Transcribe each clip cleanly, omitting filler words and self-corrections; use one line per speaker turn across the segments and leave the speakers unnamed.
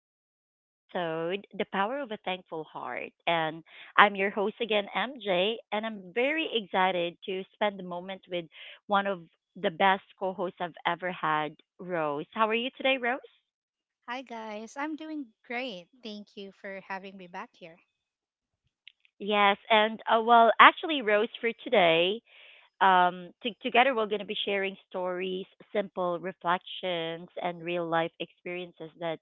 to our episode, The Power of a Thankful Heart. And I'm your host again, MJ, and I'm very excited to spend the moment with one of the best co hosts I've ever had, Rose. How are you today, Rose?
Hi guys, I'm doing great. Thank you for having me back here.
Yes, and actually, Rose, for today, to together, we're going to be sharing stories, simple reflections, and real life experiences that,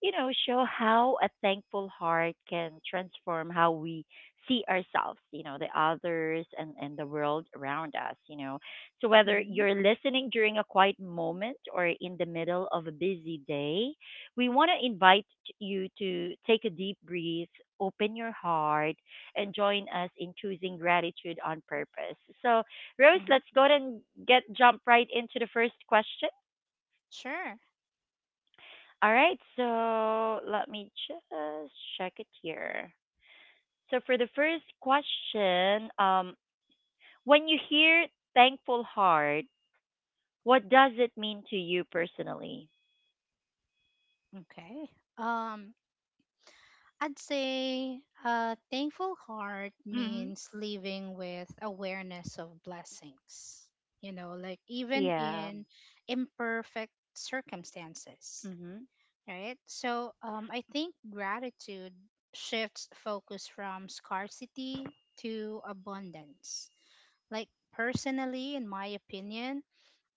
show how a thankful heart can transform how we see ourselves, the others and the world around us. So, whether
hmm
you're listening during a quiet moment or in the middle of a busy day, we want to invite you to take a deep breath, open your heart, and join us in choosing gratitude on purpose. So, Rose, let's
hmm
go ahead and get jump right into the first question.
Sure.
All right, so let me just check it here. So for the first question, when you hear thankful heart, what does it mean to you personally?
Okay. Um, I'd say a thankful heart
hmm
means living with awareness of blessings. You know, like even
Yeah.
in imperfect circumstances,
hmm
right? So I think gratitude shifts focus from scarcity to abundance. Like, personally, in my opinion,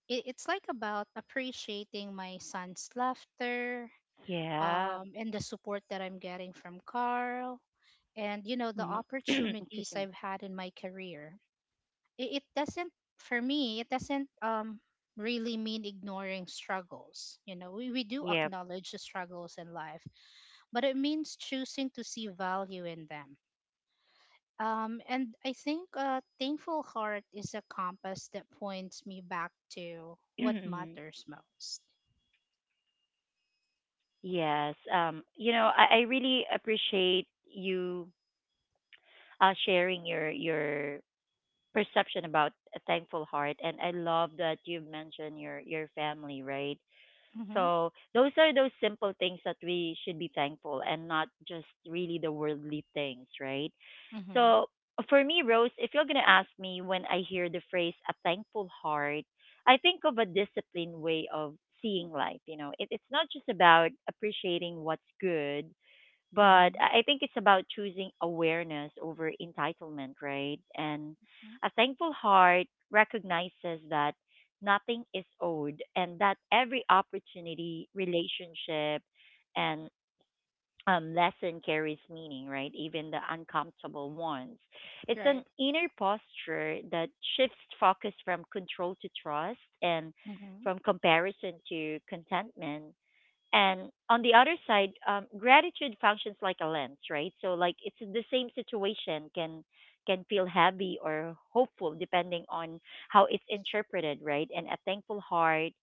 it's like about appreciating my son's laughter
Yeah.
and the support that I'm getting from Carl and, you know, the
hmm Excuse
opportunities
me.
I've had in my career. It doesn't, for me, it doesn't really mean ignoring struggles. You know, we do
Yeah.
acknowledge the struggles in life, but it means choosing to see value in them, and I think a thankful heart is a compass that points me back to what
Mhm.
matters most.
Yes. You know, I really appreciate you sharing your perception about a thankful heart, and I love that you mentioned your family, right?
Mm-hmm.
So those are those simple things that we should be thankful, and not just really the worldly things, right?
Mm-hmm.
So for me, Rose, if you're going to ask me, when I hear the phrase a thankful heart, I think of a disciplined way of seeing life, it's not just about appreciating what's good, but I think it's about choosing awareness over entitlement, right? And
Mm-hmm.
a thankful heart recognizes that nothing is owed, and that every opportunity, relationship, and lesson carries meaning, right? Even the uncomfortable ones. It's an
Right.
inner posture that shifts focus from control to trust, and
Mm-hmm.
from comparison to contentment. And on the other side, gratitude functions like a lens, right? So like, it's the same situation can feel heavy or hopeful depending on how it's interpreted, right? And a thankful heart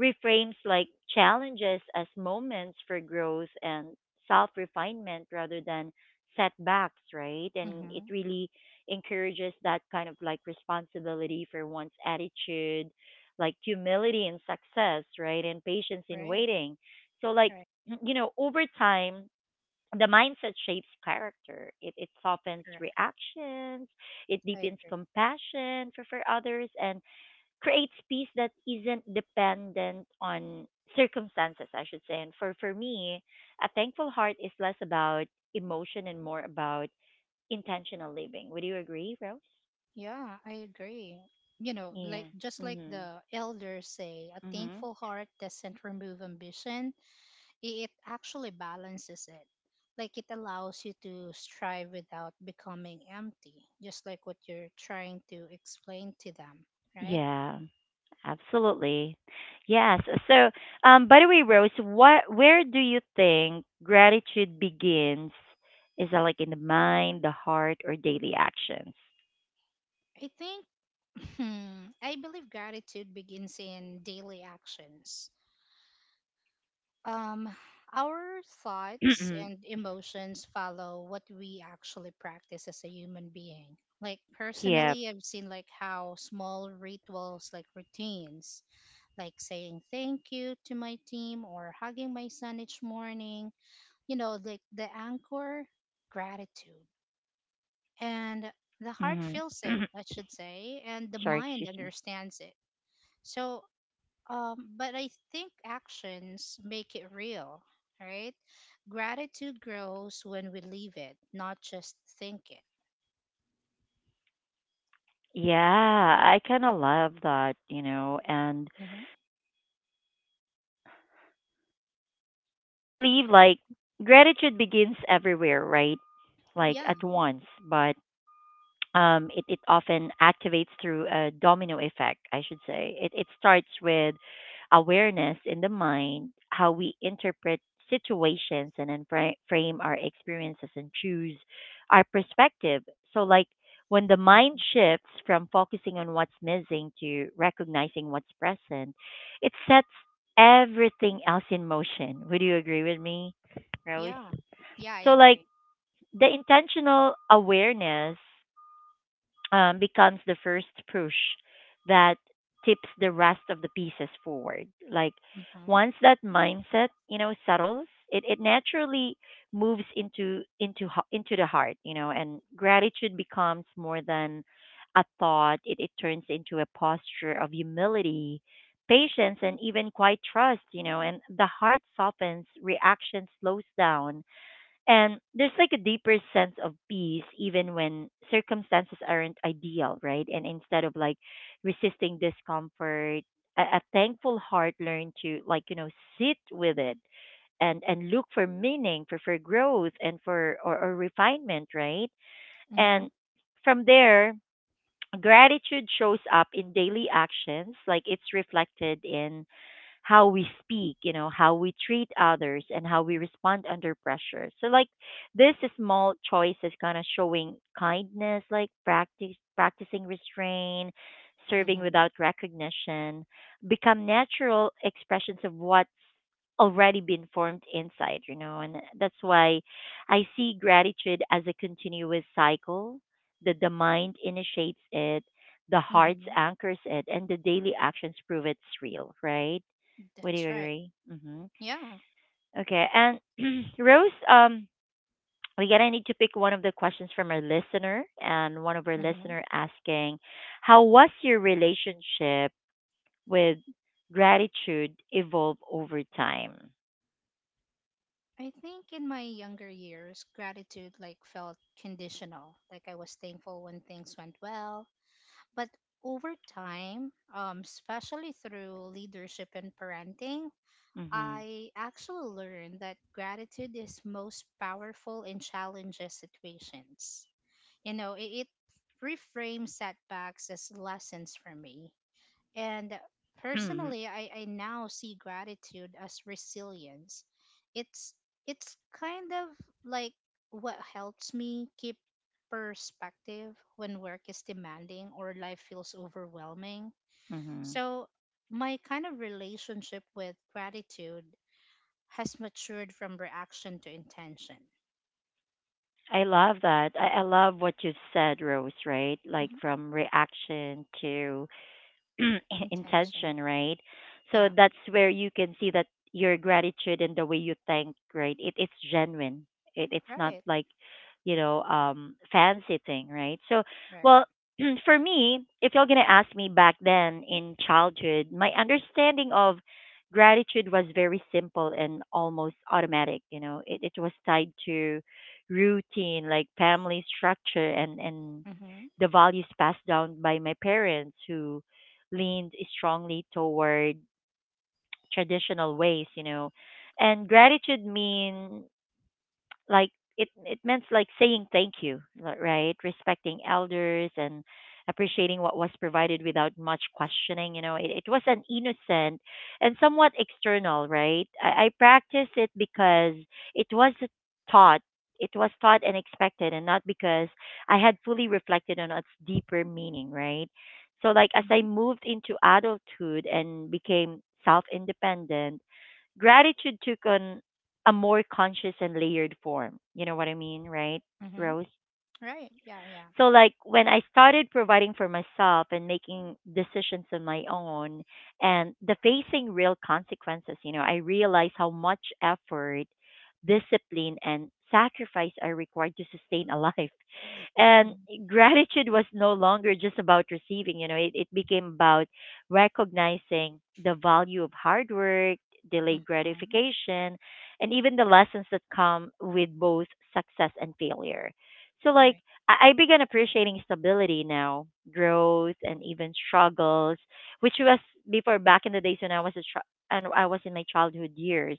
reframes like challenges as moments for growth and self refinement rather than setbacks, right? And it
Mm-hmm.
really encourages that kind of like responsibility for one's attitude, like humility in success, right? And patience in
Right.
waiting. So, like,
Right.
you know, over time, the mindset shapes character. It softens
Correct.
reactions. It
I
deepens
agree.
compassion for others, and creates peace that isn't dependent on circumstances, I should say. And for me, a thankful heart is less about emotion and more about intentional living. Would you agree, Rose?
Yeah, I agree. You know, like
Yeah.
just like
Mhm.
the elders say, a
Mhm.
thankful heart doesn't remove ambition. It actually balances it. Like it allows you to strive without becoming empty, just like what you're trying to explain to them, right?
Yeah, absolutely. Yes. So, by the way, Rose, what, where do you think gratitude begins? Is that like in the mind, the heart, or daily actions?
I think, I believe gratitude begins in daily actions. Um, our thoughts and emotions follow what we actually practice as a human being. Like
yeah.
personally, I've seen like how small rituals, like routines, like saying thank you to my team or hugging my son each morning. You know, the anchor, gratitude. And the heart
hmm
feels it, I should say, and the
Sorry,
mind
excuse me.
understands it. So, but I think actions make it real, right? Gratitude grows when we leave it, not just think it.
Yeah, I kind of love that, you know, and
hmm
believe like gratitude begins everywhere, right? Like
Yeah.
at once, but it often activates through a domino effect, I should say. It starts with awareness in the mind, how we interpret situations, and then frame our experiences and choose our perspective. So, like, when the mind
hmm
shifts from focusing on what's missing to recognizing what's present, it sets everything else in motion. Would you agree with me, Rose?
Yeah. Yeah, I
So, like,
agree.
the intentional awareness becomes the first push that tips the rest of the pieces forward. Like
Mm-hmm.
once that mindset, you know, settles, it naturally moves into the heart, you know, and gratitude becomes more than a thought. It turns into a posture of humility, patience, and even quite trust, you know. And the heart softens, reaction slows down, and there's like a deeper sense of peace even when circumstances aren't ideal, right? And instead of like resisting discomfort, a thankful heart learn to like, you know, sit with it and look for meaning, for growth and for or refinement, right?
Mm-hmm.
And from there, gratitude shows up in daily actions, like it's reflected in how we speak, you know, how we treat others and how we respond under pressure. So like this small choice is kind of showing kindness, like practice practicing restraint, serving
Mm-hmm.
without recognition, become natural expressions of what's already been formed inside, you know, and that's why I see gratitude as a continuous cycle that the mind initiates it, the heart
Mm-hmm.
anchors it, and the daily actions prove it's real, right? Would you
That's right.
agree?
Yeah.
Okay. And Rose, we gotta need to pick one of the questions from our listener, and one of our
Mm-hmm.
listener asking, "How was your relationship with gratitude evolve over time?"
I think in my younger years, gratitude like felt conditional. Like I was thankful when things went well, but over time, especially through leadership and parenting,
hmm
I actually learned that gratitude is most powerful in challenging situations. You know, it reframes setbacks as lessons for me, and personally, I now see gratitude as resilience. It's it's kind of like what helps me keep perspective when work is demanding or life feels overwhelming.
hmm
So my kind of relationship with gratitude has matured from reaction to intention.
I love that. I love what you said, Rose. Right, like
Mhm.
from reaction to
Intention.
intention, right? So
Yeah.
that's where you can see that your gratitude and the way you thank, right? It it's genuine. It it's not
Right.
like, you know, fancy thing, right? So
Right.
well for me, if you're gonna ask me back then in childhood, my understanding of gratitude was very simple and almost automatic, you know. It was tied to routine, like family structure, and
Mm-hmm.
the values passed down by my parents who leaned strongly toward traditional ways, you know. And gratitude mean like it meant like saying thank you right, respecting elders and appreciating what was provided without much questioning, it was an innocent and somewhat external, right? I practiced it because it was taught, it was taught and expected, and not because I had fully reflected on its deeper meaning, right? So like, as I
Mm-hmm.
moved into adulthood and became self independent, gratitude took on a more conscious and layered form. You know what I mean, right,
Mm-hmm.
Rose?
Right. Yeah. Yeah.
So, like, when I started providing for myself and making decisions on my own and the facing real consequences, you know, I realized how much effort, discipline, and sacrifice are required to sustain a life, and gratitude was no longer just about receiving, it became about recognizing the value of hard work, delayed
Mm-hmm.
gratification, and even the lessons that come with both success and failure. So like,
Right.
I began appreciating stability now, growth, and even struggles, which was before, back in the days when I was a child and I was in my childhood years.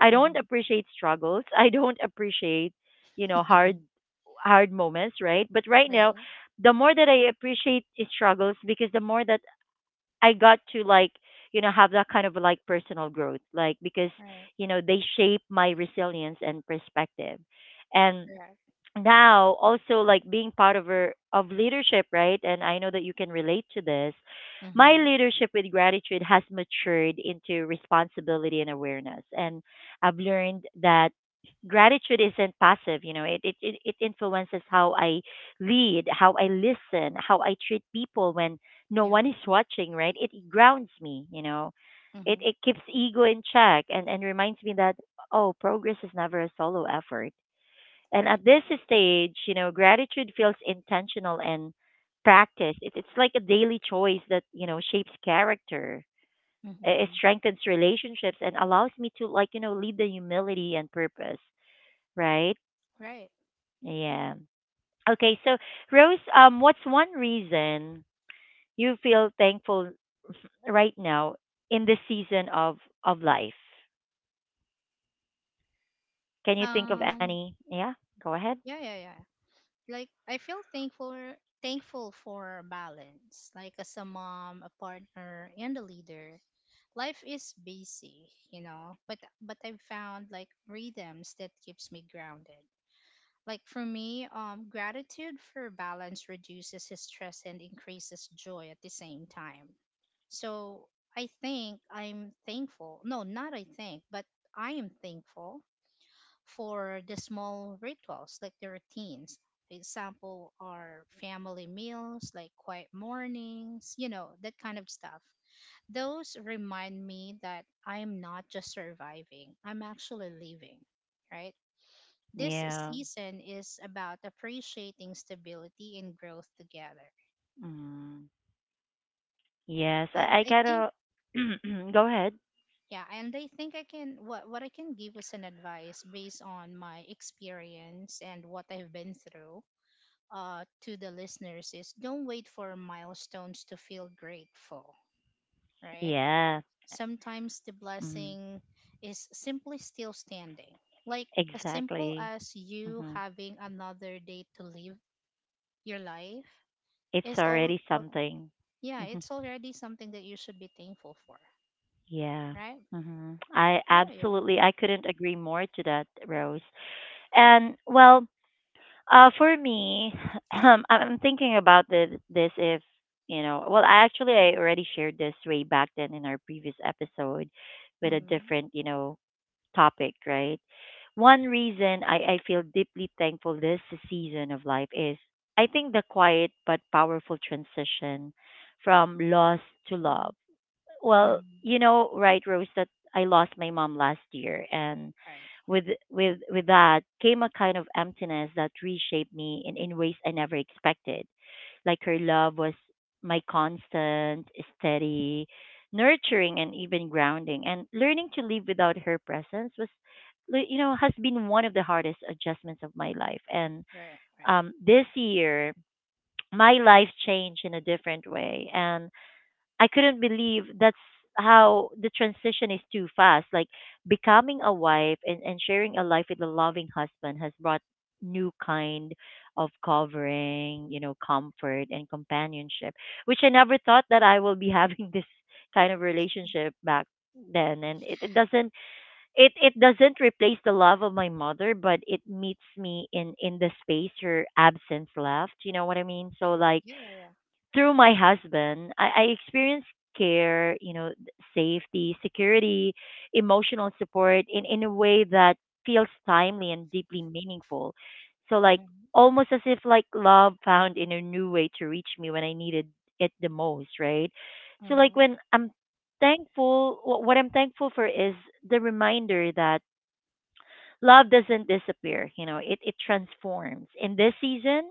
I don't
Mhm.
appreciate struggles. I don't appreciate, you know, hard moments, right? But right now,
Right.
the more that I appreciate its struggles, because the more that I got to like, you know, have that kind of like personal growth, like because
Right.
you know they shape my resilience and perspective, and
Correct.
now also like being part of leadership, right? And I know that you can relate to this. My
Mm-hmm.
leadership with gratitude has matured into responsibility and awareness, and I've learned that gratitude isn't passive, you know, it influences how I lead, how I listen, how I treat people when no
Yeah.
one is watching, right? It grounds me, you know, it
Mm-hmm.
it keeps ego in check, and reminds me that oh, progress is never a solo effort. And
Right.
at this stage, you know, gratitude feels intentional and practiced. It's like a daily choice that, you know, shapes character, it
Mm-hmm.
strengthens relationships, and allows me to, like, you know, lead the humility and purpose, right?
Right.
Yeah. Okay, so Rose, what's one reason you feel thankful right now in this season of life? Can you think of
Um.
any? Yeah, go ahead.
Yeah. Yeah. Yeah. Like I feel thankful. Thankful for balance. Like as a mom, a partner, and a leader, life is busy, you know. But I've found like rhythms that keeps me grounded. Like for me, gratitude for balance reduces his stress and increases joy at the same time. So I think I'm thankful. No, not I think, but I am thankful for the small rituals, like the routines. Example are family meals, like quiet mornings, you know, that kind of stuff. Those remind me that I am not just surviving, I'm actually living, right? This
Yeah.
season is about appreciating stability and growth together.
Mm. Yes, I,
And
I
I think
gotta go ahead.
Yeah, and I think I can what I can give as an advice based on my experience and what I've been through, uh to the listeners is don't wait for milestones to feel grateful, right?
Yeah,
Sometimes the
mm,
blessing is simply still standing. Like as simple
exactly.
as you
hmm
having another day to live your life
It's
is all.
already something.
Yeah,
hmm
it's already something that you should be thankful for,
Yeah.
right?
I
How about you?
absolutely, I couldn't agree more to that, Rose. And well, for me, I'm thinking about the this if, you know, well, I actually, I already shared this way back then in our previous episode with a
Mm-hmm.
different, you know, topic, right? One reason I feel deeply thankful this season of life is I think the quiet but powerful transition from loss to love. Well,
Mm-hmm.
you know, right, Rose, that I lost my mom last year, and
Right.
with with that came a kind of emptiness that reshaped me in ways I never expected. Like her
Mhm.
love was my constant, steady, nurturing, and even grounding. And learning to live without her presence was, you know, has been one of the hardest adjustments of my life. And
Right. Right.
this year, my life changed in a different way. And I couldn't believe that's how the transition is too fast. Like becoming a wife and sharing a life with a loving husband has brought new kind of covering, comfort and companionship, which I never thought that I will be having this kind of relationship back then and it doesn't it it doesn't replace the love of my mother, but it meets me in the space her absence left, you know what I mean. So
Yeah.
like
Yeah. Yeah. Yeah.
through my husband, I experienced care, you know, safety, security, emotional support in a way that feels timely and deeply meaningful. So like
Mm-hmm.
almost as if like love found in a new way to reach me when I needed it the most, right? So like
Mm-hmm.
when I'm thankful, what I'm thankful for is the reminder that love doesn't disappear, you know, it transforms. In this season,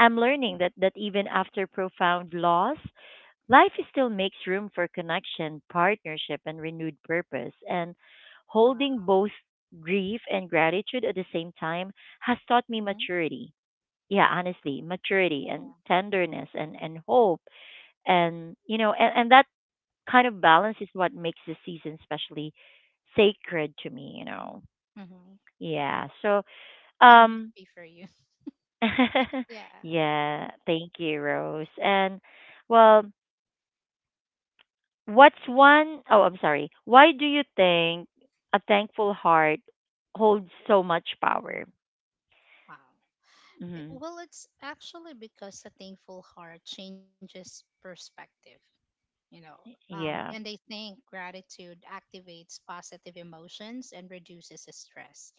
I'm learning that, that even after profound loss, life still makes room for connection, partnership, and renewed purpose. And holding
Wow.
both grief and gratitude at the same time has taught me
Mm-hmm.
maturity. Yeah, honestly, maturity
Yeah.
and
Yeah.
tenderness and hope. And, you know, and that kind of balance is what makes the season especially sacred to me, you know.
Mm-hmm.
Yeah. So,
I'm
um,
happy for you. Yeah.
yeah, thank you, Rose. And, well, What's one oh I'm sorry. Why do you think a thankful heart holds so much power?
Wow.
hmm
Well, it's actually because a thankful heart changes perspective, you know.
Yeah.
And they think gratitude activates positive emotions and reduces stress.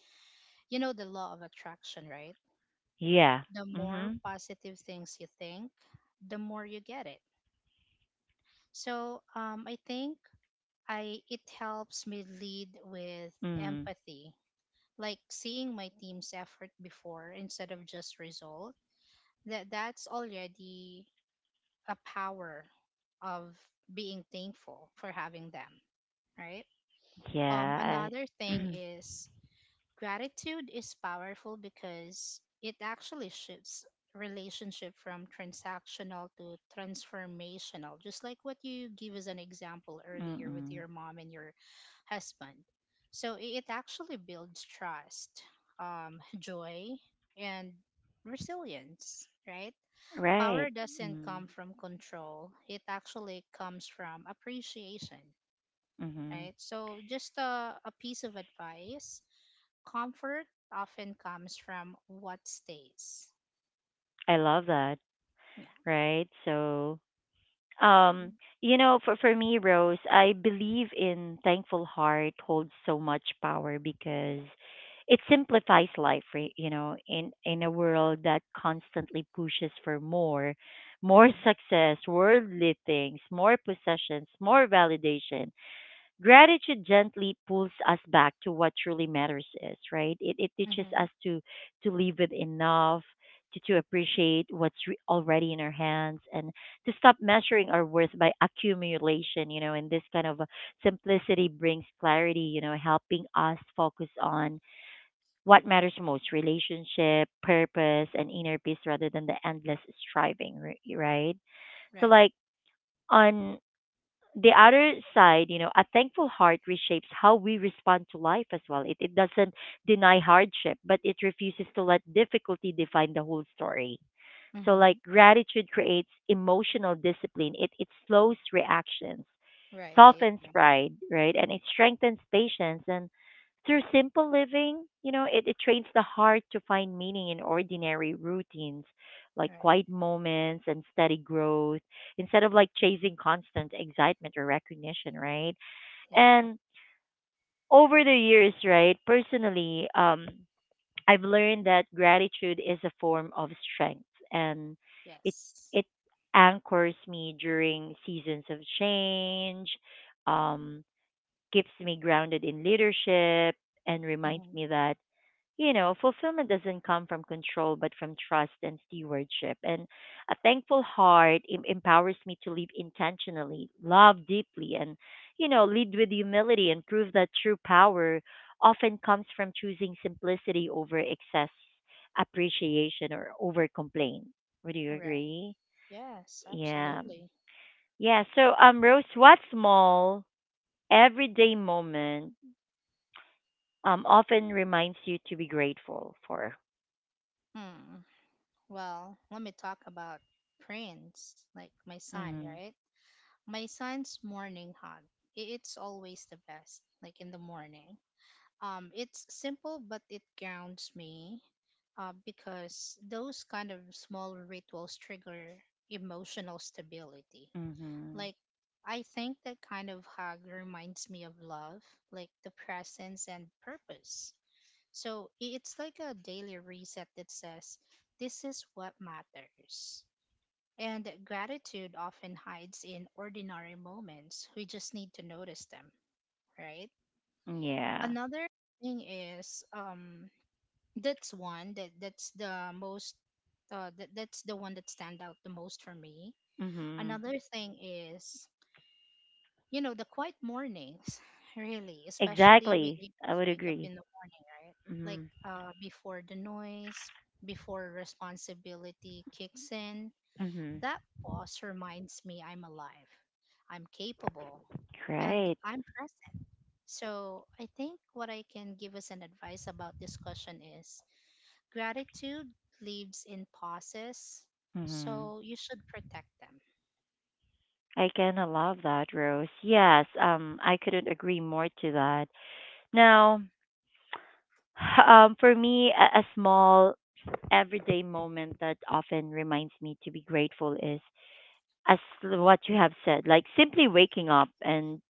You know the law of attraction, right?
Yeah.
The more
Mhm.
positive things you think, the more you get it. So I think I it helps me lead with
Mhm.
empathy, like seeing my team's effort before instead of just result. That's already a power of being thankful for having them, right?
Yeah.
Another
I,
thing is gratitude is powerful because it actually shifts relationship from transactional to transformational, just like what you give as an example earlier with
mm-mm.
your mom and your husband. It actually builds trust, joy, and resilience, right?
Right.
Power doesn't come from control, it actually comes from appreciation,
Mm-hmm.
right? So, just a piece of advice. Comfort often comes from what stays.
I love that.
Yeah.
Right. So Um, you know, for me, Rose, I believe in thankful heart holds so much power because it simplifies life, right? You know, in a world that constantly pushes for more, more
Mm-hmm.
success, worldly things, more possessions, more validation, gratitude gently pulls us back to what truly matters, is right It teaches
Mm-hmm.
us to live with enough, to appreciate what's already in our hands and to stop measuring our worth by accumulation, you know. And this kind of simplicity brings clarity, you know, helping us focus on what matters most: relationship, purpose, and inner peace rather than the endless striving, right? So
Right.
like on the other side, you know, a thankful heart reshapes how we respond to life as well. It doesn't deny hardship, but it refuses to let difficulty define the whole story. So, like,
Mm-hmm.
gratitude creates emotional discipline. It slows reactions,
Right. I
softens
agree.
pride, right? And it strengthens patience. And through simple living, you know, it trains the heart to find meaning in ordinary routines, like
Right.
quiet moments and steady growth, instead of like chasing constant excitement or recognition, right?
You're right.
And over the years, right, personally, I've learned that gratitude is a form of strength, and it
Yes.
it anchors me during seasons of change, um, keeps me grounded in leadership and reminds
Mm-hmm.
me that, you know, fulfillment doesn't come from control, but from trust and stewardship. And a thankful heart empowers me to live intentionally, love deeply, and, you know, lead with humility and prove that true power often comes from choosing simplicity over excess, appreciation or over complaint. Would you
Right.
agree?
Yes.
Yeah.
Absolutely.
Yeah. So, Rose, what small everyday moment often reminds you to be grateful for?
Hmm. Well, let me talk about Prince, like my son,
Mm-hmm.
right? My son's morning hug. It's always the best, like in the morning. It's simple, but it grounds me, because those kind of small rituals trigger emotional stability.
Mhm.
Like, I think that kind of hug reminds me of love, like the presence and purpose. It's like a daily reset that says, this is what matters. And gratitude often hides in ordinary moments. We just need to notice them, right?
Yeah.
Another thing is that's one that that's the most that, that's the one that stand out the most for me.
Mhm.
Another thing is you know the quiet mornings really, especially when
Exactly.
you
I
just
would
wake up
agree.
in the morning, right? Like
Mhm.
before the noise, before responsibility kicks in,
Mhm.
that pause reminds me I'm alive, I'm capable, and
Great.
I'm present. So I think what I can give as an advice about this question is gratitude lives in pauses,
Mhm.
so you should protect them.
I kind of love that, Rose. Yes. I couldn't agree more to that.
Right.
Now, for me, a small everyday moment that often reminds me to be grateful is, as what you have said, like simply waking up and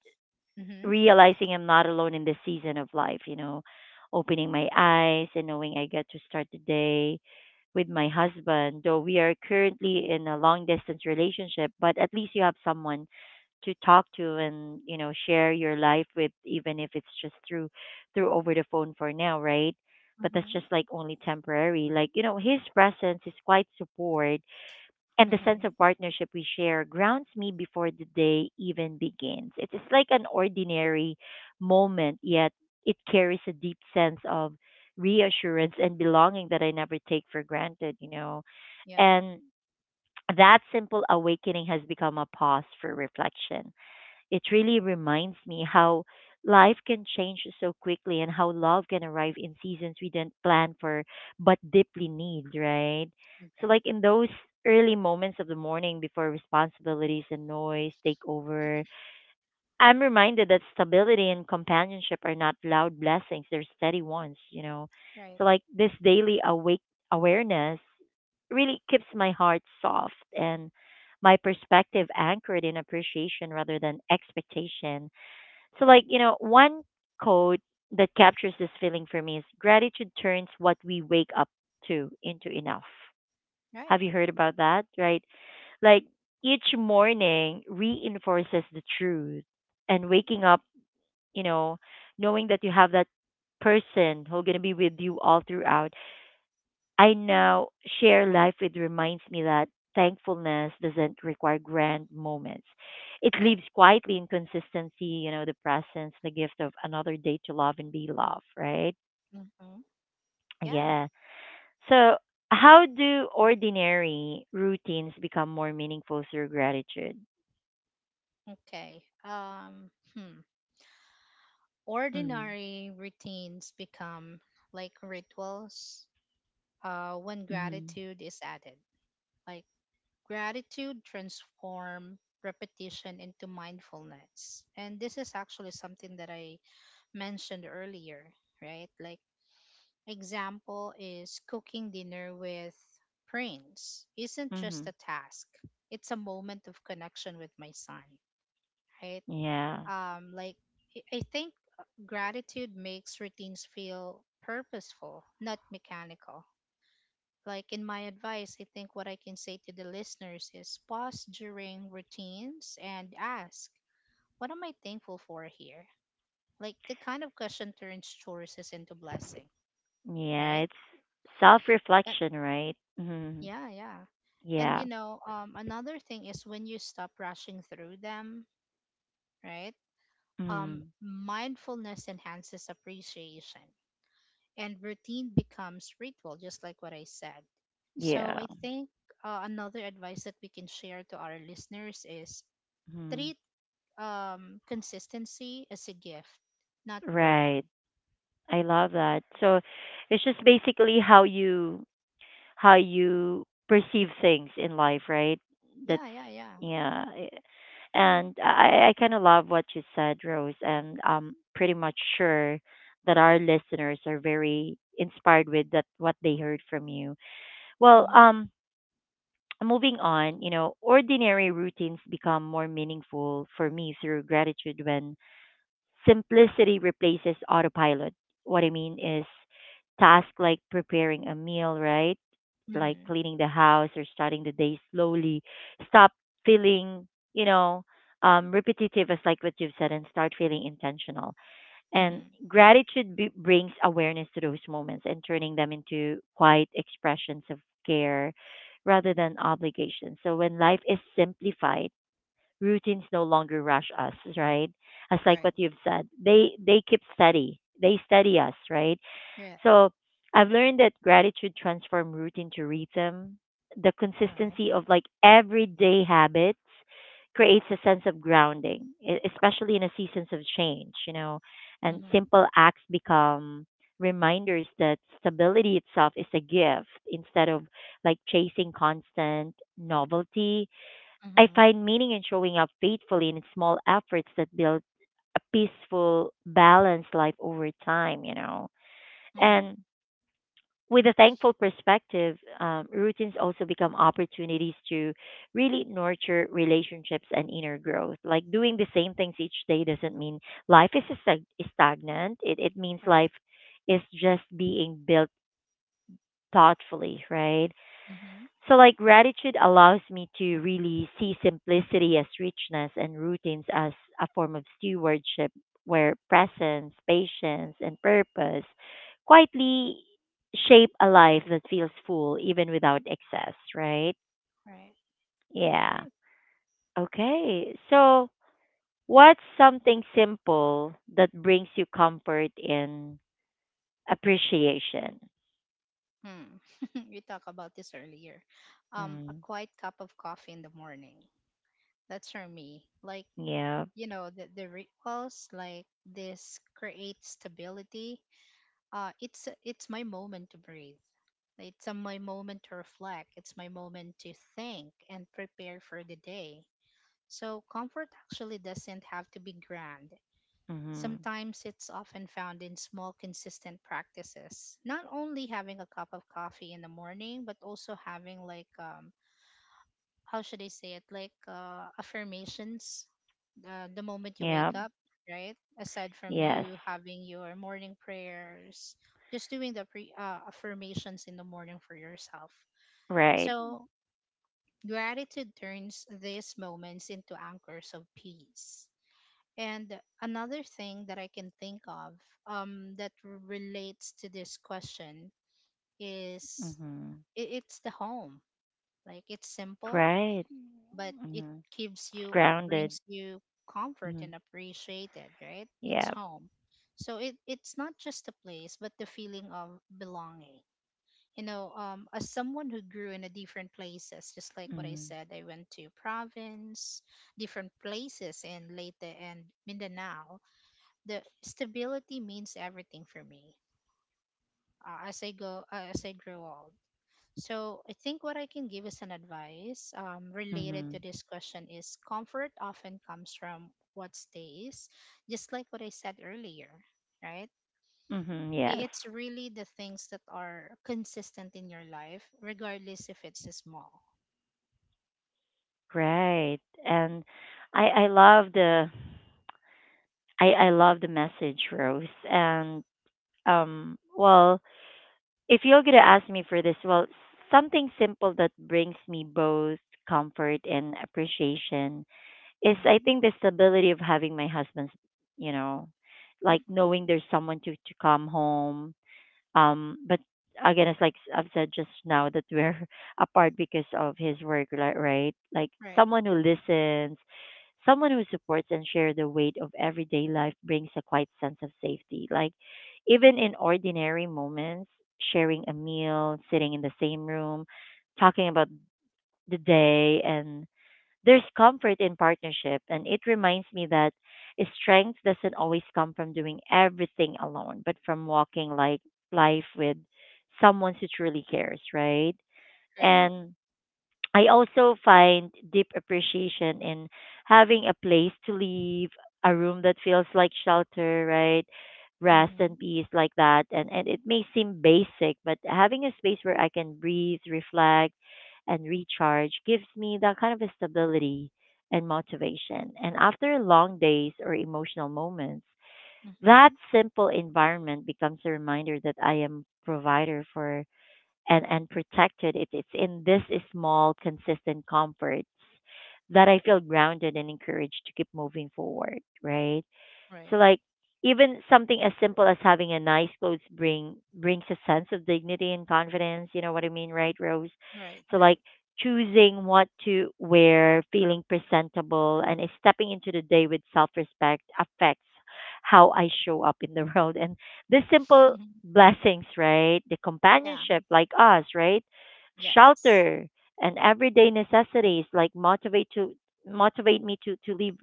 Mhm.
realizing I'm not alone in this season of life, you know, opening my eyes and knowing I get to start the day with my husband, though we are currently in a long distance relationship, but at least you have someone to talk to and, you know, share your life with even if it's just through over the phone for now, right? But that's
Mhm.
just like only temporary. Like, you know, his presence, his quiet support and the sense
Mhm.
of partnership we share grounds me before the day even begins. It is like an ordinary moment, yet it carries a deep sense of reassurance and belonging that I never take for granted, you know.
Yeah.
And that simple awakening has become a pause for reflection. It really reminds me how life can change so quickly and how love can arrive in seasons we didn't plan for but deeply need, right? So,
Right.
like in those early moments of the morning before responsibilities and noise take over, I'm reminded that stability and companionship are not loud blessings; they're steady ones, you know.
Right.
So like this daily awake awareness really keeps my heart soft and my perspective anchored in appreciation rather than expectation. So like, you know, one quote that captures this feeling for me is gratitude turns what we wake up to into enough.
Right.
Have you heard about that? Right? Like each morning reinforces the truth. And waking up, you know, knowing that you have that person who's going to be with you all throughout I now share life with reminds me that thankfulness doesn't require grand moments. It
Right.
lives quietly in consistency, you know, the presence, the gift of another day to love and be loved, right?
Mhm. Yeah.
Yeah. So, how do ordinary routines become more meaningful through gratitude?
Okay. Hmm.
Mm-hmm.
Ordinary routines become like rituals. When gratitude is added, like gratitude transform repetition into mindfulness, and this is actually something that I mentioned earlier, right? Like, example is cooking dinner with Prince isn't
Mm-hmm.
just a task, it's a moment of connection with my son, right?
Yeah.
Like, I think gratitude makes routines feel purposeful, not mechanical. Like in my advice, I think what I can say to the listeners is pause during routines and ask, what am I thankful for here? Like the kind of question turns choices into blessing,
Yeah,
right?
it's self
Uh,
reflection, right?
yeah, yeah. And
Yeah.
you know, another thing is when you stop rushing through them, right?
hmm
Mindfulness enhances appreciation, and routine becomes ritual, just like what I said.
Yeah.
So I think, another advice that we can share to our listeners is
hmm
treat, consistency as a gift, not
Right.
boredom.
I love that. So it's just basically how you perceive things in life, right? That's
Yeah, yeah, yeah.
yeah. I- And I kind of love what you said, Rose, and I'm pretty much sure that our listeners are very inspired with that what they heard from you. Well,
Mm-hmm,
moving on, you know, ordinary routines become more meaningful for me through gratitude when simplicity replaces autopilot. What I mean is tasks like preparing a meal, right? Like
mm-hmm,
cleaning the house or starting the day slowly. Stop feeling, you know, repetitive as like what you've said and start feeling intentional, and
mm-hmm.
gratitude brings awareness to those moments and turning them into quiet expressions of care rather than obligation. So when life is simplified, routines no longer rush us, right? As like
Right,
what you've said, they keep steady. They steady us, right?
right,
So I've learned that gratitude transforms routine to rhythm. The
right.
consistency of like everyday habits creates a sense of grounding, especially in a seasons of change, you know, and
Mm-hmm,
simple acts become reminders that stability itself is a gift instead of like chasing constant novelty. I
mm-hmm,
find meaning in showing up faithfully in small efforts that build a peaceful, balanced life over time, you know.
mm-hmm.
And with a thankful perspective, routines also become opportunities to really nurture relationships and inner growth. Like doing the same things each day doesn't mean life is stagnant. It means
Right.
life is just being built thoughtfully, right?
Mm-hmm.
So, like, gratitude allows me to really see simplicity as richness and routines as a form of stewardship where presence, patience, and purpose quietly shape a life that feels full even without excess, right?
Right.
Yeah.
Right.
Okay. So, what's something simple that brings you comfort and appreciation?
Hmm. We talked about this earlier. A
Mm.
quiet cup of coffee in the morning. That's for me. Like,
Yeah.
you know, the rituals like this create stability. It's my moment to breathe. It's my moment to reflect. It's my moment to think and prepare for the day. So comfort actually doesn't have to be grand.
Mm-hmm.
Sometimes it's often found in small, consistent practices. Not only having a cup of coffee in the morning, but also having, like, how should I say it? Like, affirmations, the moment you wake
Yeah.
up, right? Aside from
Yes.
you having your morning prayers, just doing the affirmations in the morning for yourself.
Right.
So, gratitude turns these moments into anchors of peace. And another thing that I can think of, that relates to this question is
Mm-hmm.
it's the home. Like it's simple,
Right.
but it
Mhm.
gives
It's
you or
grounded.
brings you comfort
Mhm.
and appreciated, right? It's
Yeah.
home. So it's not just a place, but the feeling of belonging. You know, as someone who grew in a different places, just like what I
Mhm.
said, I went to province, different places in Leyte and Mindanao. The stability means everything for me, as I grow old. So I think what I can give as an advice, related to
Mhm.
this question is comfort often comes from what stays, just like what I said earlier, right?
Mhm. Yes.
It's really the things that are consistent in your life, regardless if it's small.
Right. And I love the I love the message, Rose. And well, if you're going to ask me for this, well, something simple that brings me both comfort and appreciation is I
Mm-hmm.
think the stability of having my husband's, you know, like
Mm-hmm.
knowing there's someone to come home. But again, it's like I've said just now that we're apart because of his work, right? Like
Right.
someone who listens, someone who supports and share the weight of everyday life brings a quiet sense of safety. Like even
Mm-hmm.
in ordinary moments, sharing a meal, sitting in the same room, talking about the day and there's comfort in partnership, and it reminds me that strength doesn't always come from doing everything alone, but from walking like life with someone who truly cares, right?
Right.
And I also find deep appreciation in having a place to live, a room that feels like shelter, right? Rest
Mm-hmm.
and peace like that. And it may seem basic, but having a space where I can breathe, reflect, and recharge gives me that kind of a stability and motivation. And after long days or emotional moments,
Mm-hmm.
that simple environment becomes a reminder that I am provider for and protected. It's in this small, consistent comforts that I feel grounded and encouraged to keep moving forward, right?
Right.
So like even something as simple as having a nice clothes brings a sense of dignity and confidence. You know what I mean, right, Rose?
Right.
So like
Right.
choosing what to wear, feeling presentable, and is stepping into the day with self-respect affects how I show up in the world. And the simple blessings, right? The
Yeah.
companionship, like us, right?
Yes.
Shelter and everyday necessities, like motivate me to live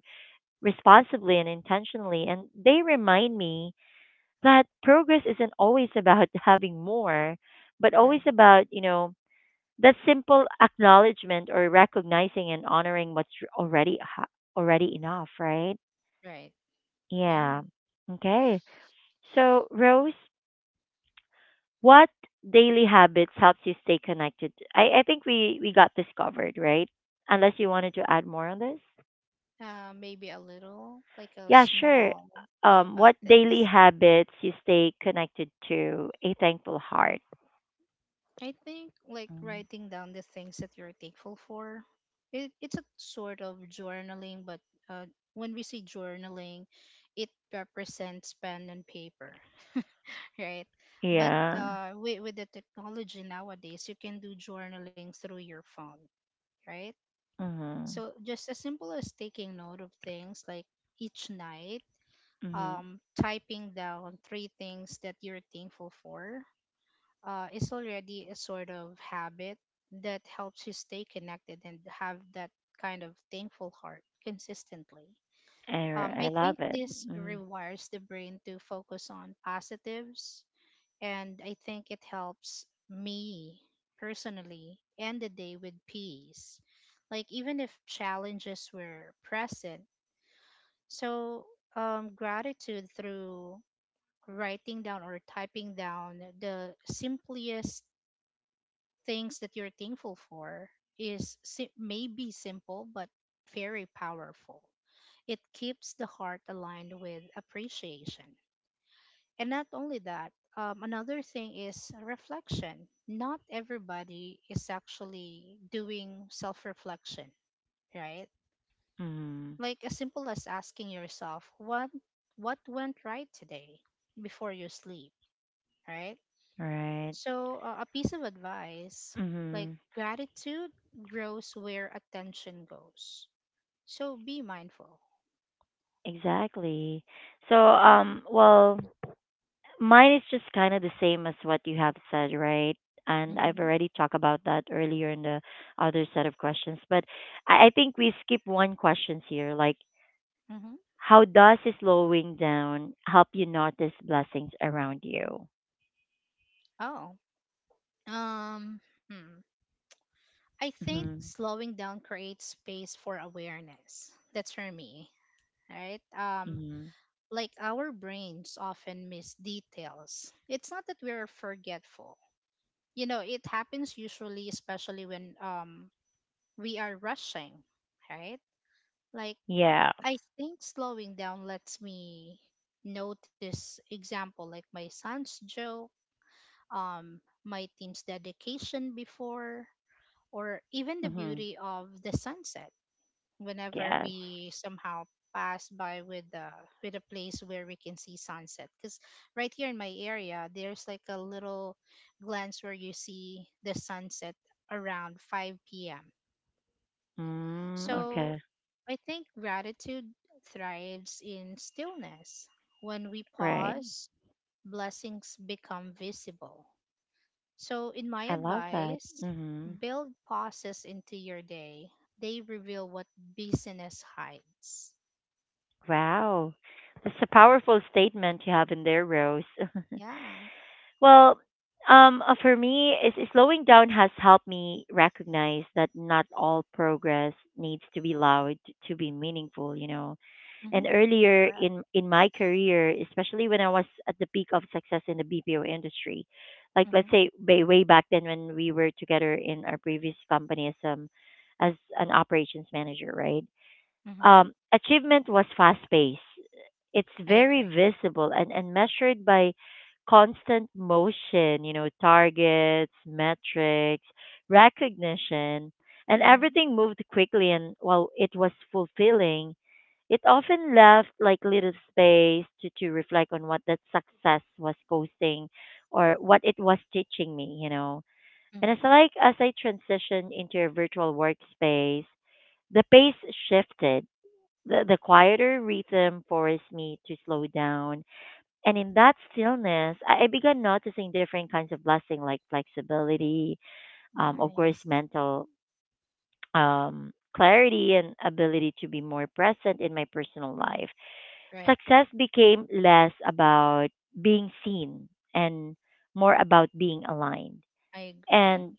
responsibly and intentionally. And they remind me that progress isn't always about having more, but always
Right.
about, that simple acknowledgement or recognizing and honoring what's already ha- already enough, right?
Right. Yeah.
Yeah. Okay. So, Rose, what daily habits helps you stay connected? I think we got this covered, right? Unless you wanted to add more on this?
Maybe a little, like a
Yeah, sure.
small thing about
What daily
this.
habits you stay connected to a thankful heart?
I think like
Mm.
writing down the things that you're thankful for. It's a sort of journaling, but uh, when we say journaling, it represents pen and paper, right? But
Yeah.
with, the technology nowadays, you can do journaling through your phone, right?
Mhm.
So just as simple as taking note of things like each night,
Mhm.
typing down 3 things that you're thankful for is already a sort of habit that helps you stay connected and have that kind of thankful heart consistently.
I
I
love
think
it.
this
Mhm.
rewires the brain to focus on positives, and I think it helps me personally end the day with peace. Like, even if challenges were present, so gratitude through writing down or typing down the simplest things that you're thankful for is maybe simple but very powerful. It keeps the heart aligned with appreciation. And not only that, another thing is reflection. Not everybody is actually doing self reflection, right?
Mhm.
Like as simple as asking yourself, what went right today before you sleep, right?
Right.
So, a piece of advice like
Mhm.
gratitude grows where attention goes. So, be mindful.
Exactly. So well, mine is just kind of the same as what you have said, right? And I've
Hmm.
already talked about that earlier in the other set of questions, but I think we skip one question here, like
Hmm.
how does slowing down help you notice blessings around you?
Oh, um, hmm. I think
hmm
slowing down creates space for awareness. That's for me, right?
hmm
Like our brains often miss details. It's not that we're forgetful. You know, it happens usually, especially when we are rushing, right? Like
Yeah.
I think slowing down lets me notice example like my son's joke, um, my team's dedication before, or even the
hmm
beauty of the sunset whenever
Yes.
we somehow pass by with the with a place where we can see sunset because right here in my area there's like a little glance where you see the sunset around 5 p.m.
Mm, okay.
So I think gratitude thrives in stillness. When we
Right.
pause, blessings become visible. So, in my
I love that.
advice, build pauses into your day. They reveal what busyness hides.
Wow. That's a powerful statement you have in there, Rose.
Yeah.
Well, for me, is slowing down has helped me recognize that not all progress needs to be loud to be meaningful. You know,
Mm-hmm.
and earlier
Right.
in my career, especially when I was at the peak of success in the BPO industry, like let's
Mm-hmm.
say way, way back then when we were together in our previous company as an operations manager, right?
Mm-hmm.
Achievement was fast paced. It's
I
very
agree.
visible and measured by constant motion, you know, targets, metrics, recognition, and
Mm-hmm.
everything moved quickly. And while it was fulfilling, it often left like little space to reflect on what that success was posting or what it was teaching me, you know. And it's
Mm-hmm.
like as I transitioned into a virtual workspace, the pace shifted the quieter rhythm forced me to slow down. And in that stillness, I began noticing different kinds of blessing like flexibility, of course,
Nice.
mental clarity, and ability to be more present in my personal life.
Right.
Success became less about being seen and more about being aligned.
I agree.
And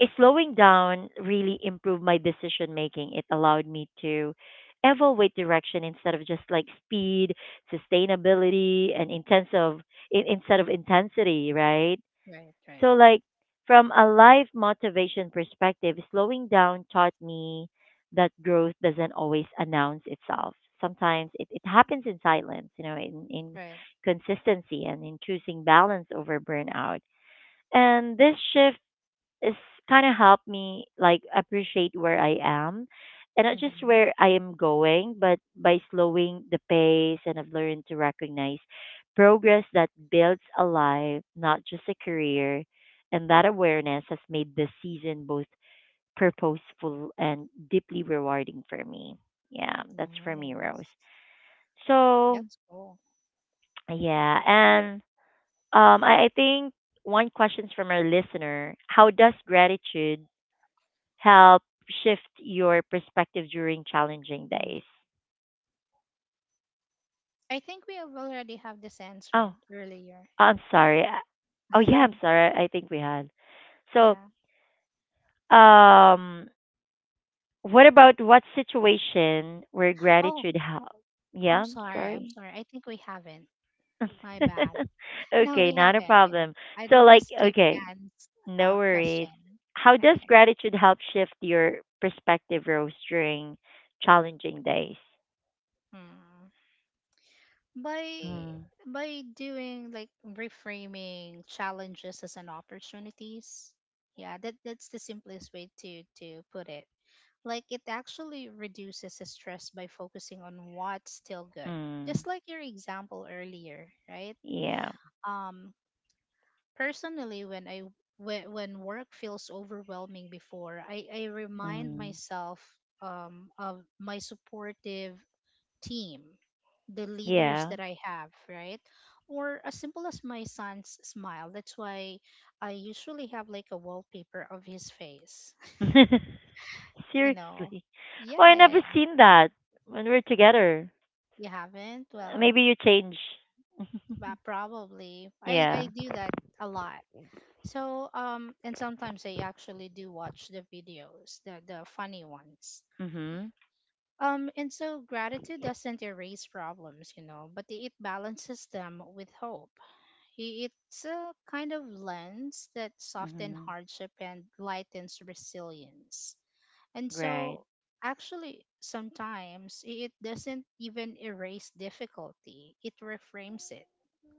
slowing down really improved my decision making. It allowed me to evaluate direction instead of just like speed, sustainability, and intense of instead of intensity, right?
Right. Right.
So like from a life motivation perspective, slowing down taught me that growth doesn't always announce itself. Sometimes it happens in silence, you know, in
Right.
consistency and in choosing balance over burnout. And this shift it's kind of helped me like appreciate where I am and not just
Mm-hmm.
where I am going, but by slowing the pace and I've learned to recognize progress that builds a life, not just a career. And that awareness has made this season both purposeful and deeply rewarding for me. Yeah, that's for me, Rose.
Nice.
So,
That's cool.
yeah, and I think one question from our listener: how does gratitude help shift your perspective during challenging days?
I think we have already have this answered
Oh,
earlier.
I'm sorry. Oh, yeah, I'm sorry. I think we had. So,
Yeah.
um, what about what situation where
Oh,
gratitude helps?
I'm
Yeah,
sorry. I'm
sorry.
sorry. I think we haven't. My bad. No,
okay,
we
not a
haven't. We have.
problem.
I
So,
don't want to
like,
skip
okay,
Anne's
no worries.
question.
How does
Okay.
gratitude help shift your perspective, Rose, during challenging days?
Hmm. By
Mm,
by doing like reframing challenges as an opportunities. Yeah, that's the simplest way to put it. Like it actually reduces the stress by focusing on what's still good. Just
mm,
like your example earlier, right?
yeah.
Um personally when when work feels overwhelming before, I remind
Mm.
myself of my supportive team, the leaders
Yeah.
that I have, right? Or as simple as my son's smile. That's why I usually have like a wallpaper of his face, you know.
Seriously. Oh, I
Yeah, yeah,
never
yeah.
seen that when we're together.
You haven't? Well,
Maybe you change.
but probably. I
Yeah.
do that a lot. So and sometimes I actually do watch the videos, the funny ones.
Mhm.
And so gratitude doesn't erase problems, you know, but it balances them with hope. It's a kind of lens that softens
Mhm.
hardship and lightens resilience. And
Right.
so actually sometimes it doesn't even erase difficulty. It reframes it,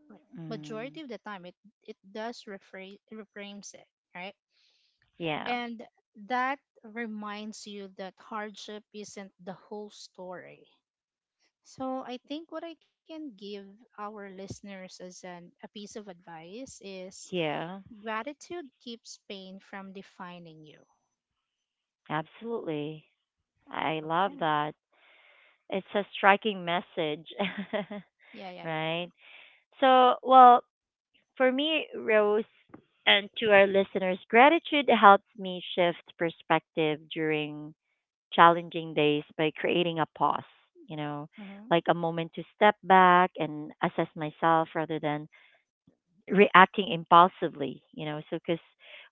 like
Mm.
majority of the time it does reframes it, right,
Yeah.
and that reminds you that hardship isn't the whole story, so I think what I can give our listeners as an a piece of advice is,
Yeah.
gratitude keeps pain from defining you.
Absolutely. I love
Okay.
that. It's a striking message.
Yeah, yeah, yeah.
right? So, well, for me, Rose, and to our listeners, gratitude helps me shift perspective during challenging days by creating a pause, you know,
Mm-hmm,
like a moment to step back and assess myself rather than reacting impulsively, you know. So, because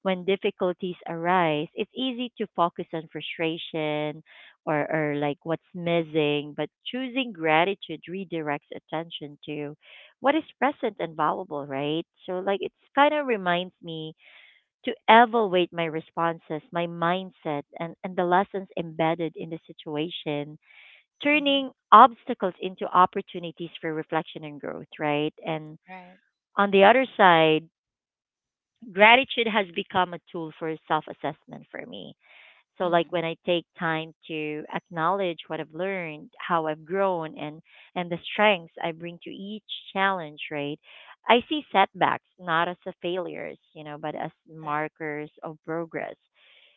when difficulties arise, it's easy to focus on frustration or like what's missing, but choosing gratitude redirects attention to what is present and valuable, right? So, like, it's kind of reminds me to evaluate my responses, my mindset, and the lessons embedded in the situation,
mm-hmm,
turning obstacles into opportunities for reflection and growth, right? And
right.
on the other side, gratitude has become a tool for self assessment for me. So, like
Mm-hmm,
when I take time to acknowledge what I've learned, how I've grown, and the strengths I bring to each challenge, right? I see setbacks not as a failures, you know, but as
right.
markers of progress.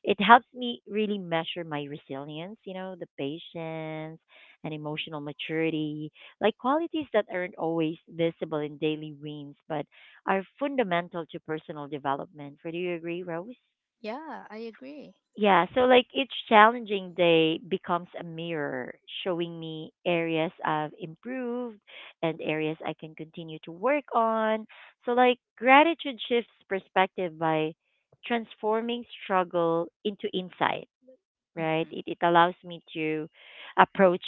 It helps me really measure my resilience, you know, the patience and emotional maturity, like qualities that aren't always visible in daily wins, but are fundamental to personal development. So do you agree, Rose?
Yeah, I agree.
Yeah, so like each challenging day becomes a mirror showing me areas I've improved and areas I can continue to work on. So like gratitude shifts perspective by transforming struggle into insight, right?
Mm-hmm,
It allows me to approach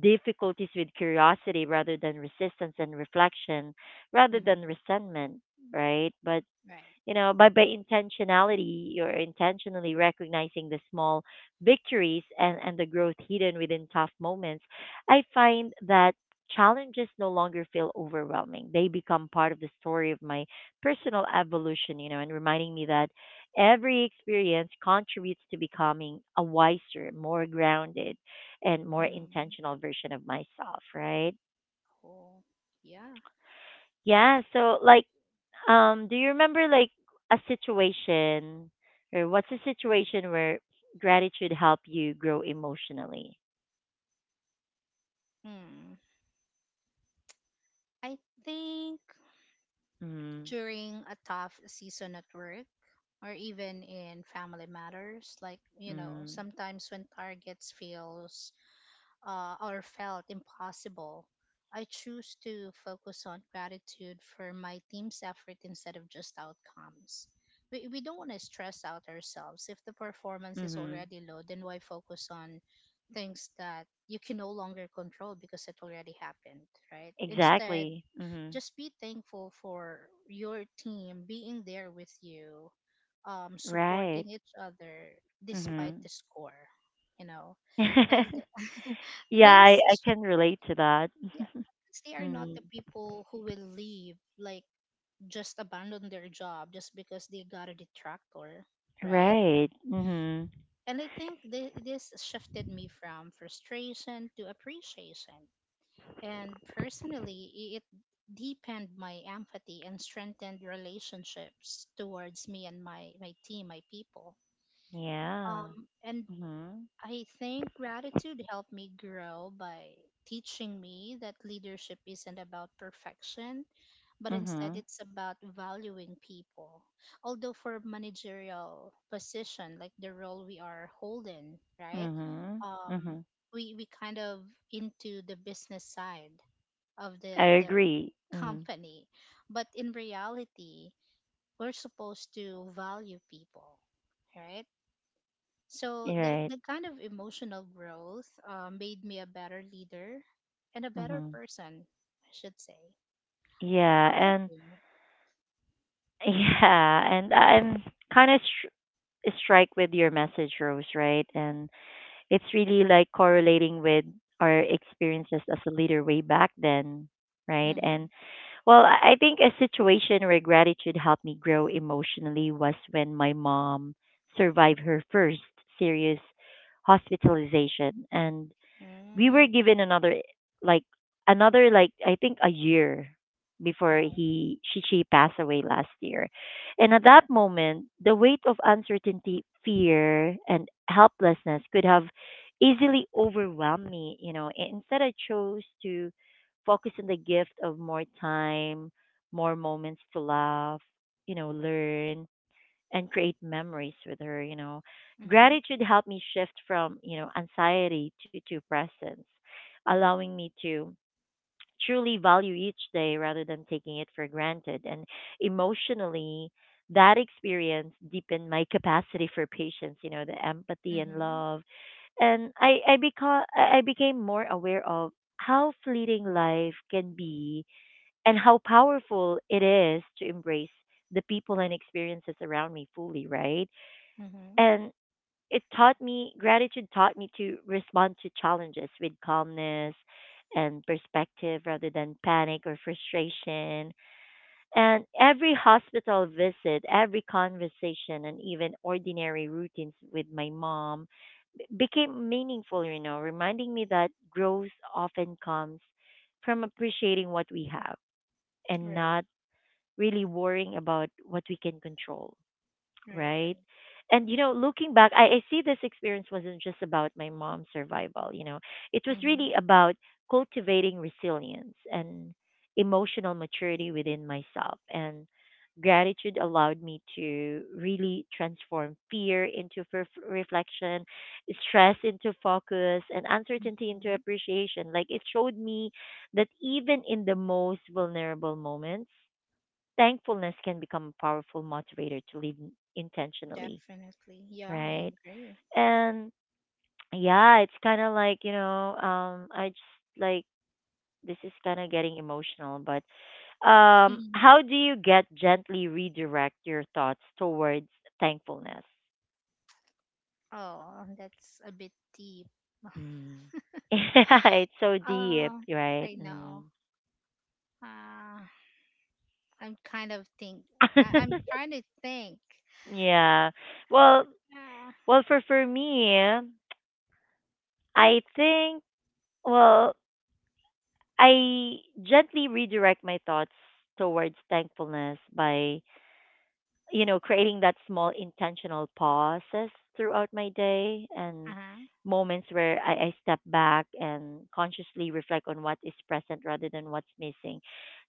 difficulties with curiosity rather than resistance and reflection rather than
mm-hmm,
resentment, right? But
right.
you know by intentionality you're intentionally recognizing the small victories and the growth hidden within tough moments I find that challenges no longer feel overwhelming. They become part of the story of my personal evolution, you know, and reminding me that every experience contributes to becoming a wiser, more grounded and more
Mm-hmm.
intentional version of myself, right?
Cool. Yeah.
Yeah, so like do you remember like a situation or what's a situation where gratitude helped you grow emotionally?
Hmm. I think
Mm-hmm.
during a tough season at work or even in family matters, like, you know,
Mm-hmm.
sometimes when targets feels or felt impossible, I choose to focus on gratitude for my team's effort instead of just outcomes. We don't want to stress out ourselves. If the performance is
Mm-hmm.
already low, then why focus on things that you can no longer control because it already happened, right? Instead,
Exactly. Mm-hmm.
just be thankful for your team being there with you,
Right.
supporting each other despite
Mm-hmm.
the score, you know. And
yeah, I,
this,
I
is-
can relate to that.
yeah, because they are not
Mm.
the people who will leave, like just abandon their job just because they got a detractor, right?
Right. Mm-hmm.
And I think this shifted me from frustration to appreciation. And personally, it deepened my empathy and strengthened relationships towards me and my team, my people.
Yeah.
And
Mm-hmm.
I think gratitude helped me grow by teaching me that leadership isn't about perfection, but instead
Mm-hmm.
it's about valuing people. Although for managerial position, like the role we are holding, right?
Mm-hmm.
Um,
Mm-hmm.
we kind of into the business side of
I
the
agree. Mm.
company, but in reality we're supposed to value people, right? So
You're right.
the kind of emotional growth made me a better leader and a better
Mm-hmm.
person, I should say.
Yeah,
How about
and.
you?
Yeah, and I'm kind of strike with your message, Rose, right? And it's really like correlating with our experiences as a leader way back then, right?
Mm-hmm.
And well, I think a situation where gratitude helped me grow emotionally was when my mom survived her first serious hospitalization. And we were
Mm.
given like another like I think a year before
Wow.
he she passed away last year. And at that moment, the weight of uncertainty, fear and helplessness could have easily overwhelmed me, you know. Instead I chose to focus on the gift of more time, more moments to laugh, you know, learn and create memories with her, you know.
Mm-hmm.
Gratitude helped me shift from, you know, anxiety to presence, allowing me to truly value each day rather than taking it for granted. And emotionally, that experience deepened my capacity for patience, you know, the empathy and
Mm-hmm.
love. And I became more aware of how fleeting life can be and how powerful it is to embrace the people and experiences around me fully, right?
Mm-hmm.
And it taught me to respond to challenges with calmness and perspective rather than panic or frustration. And every hospital visit, every conversation, and even ordinary routines with my mom became meaningful, you know, reminding me that growth often comes from appreciating what we have and not
Right,
really worrying about what we can control,
right, right.
right? And you know, looking back, I see this experience wasn't just about my mom's survival, you know. It was really
Mm-hmm.
about cultivating resilience and emotional maturity within myself. And gratitude allowed me to really transform fear into reflection, stress into focus, and uncertainty into
Mm-hmm.
appreciation. Like it showed me that even in the most vulnerable moments, thankfulness can become a powerful motivator to live intentionally,
Definitely, yeah, I
right?
agree.
And yeah, it's kind of like, you know, I just like this is kind of getting emotional, but how do you get gently redirect your thoughts towards thankfulness?
Oh, that's a bit deep.
Mm. Yeah, it's so deep,
Uh,
right?
I
Mm.
know. Uh, I'm kind of think. I'm trying to think.
yeah. Well, well, for me, I think well I gently redirect my thoughts towards thankfulness by, you know, creating that small intentional pauses throughout my day
Uh
and
huh.
moments where I step back and consciously reflect on what is present rather than what's missing.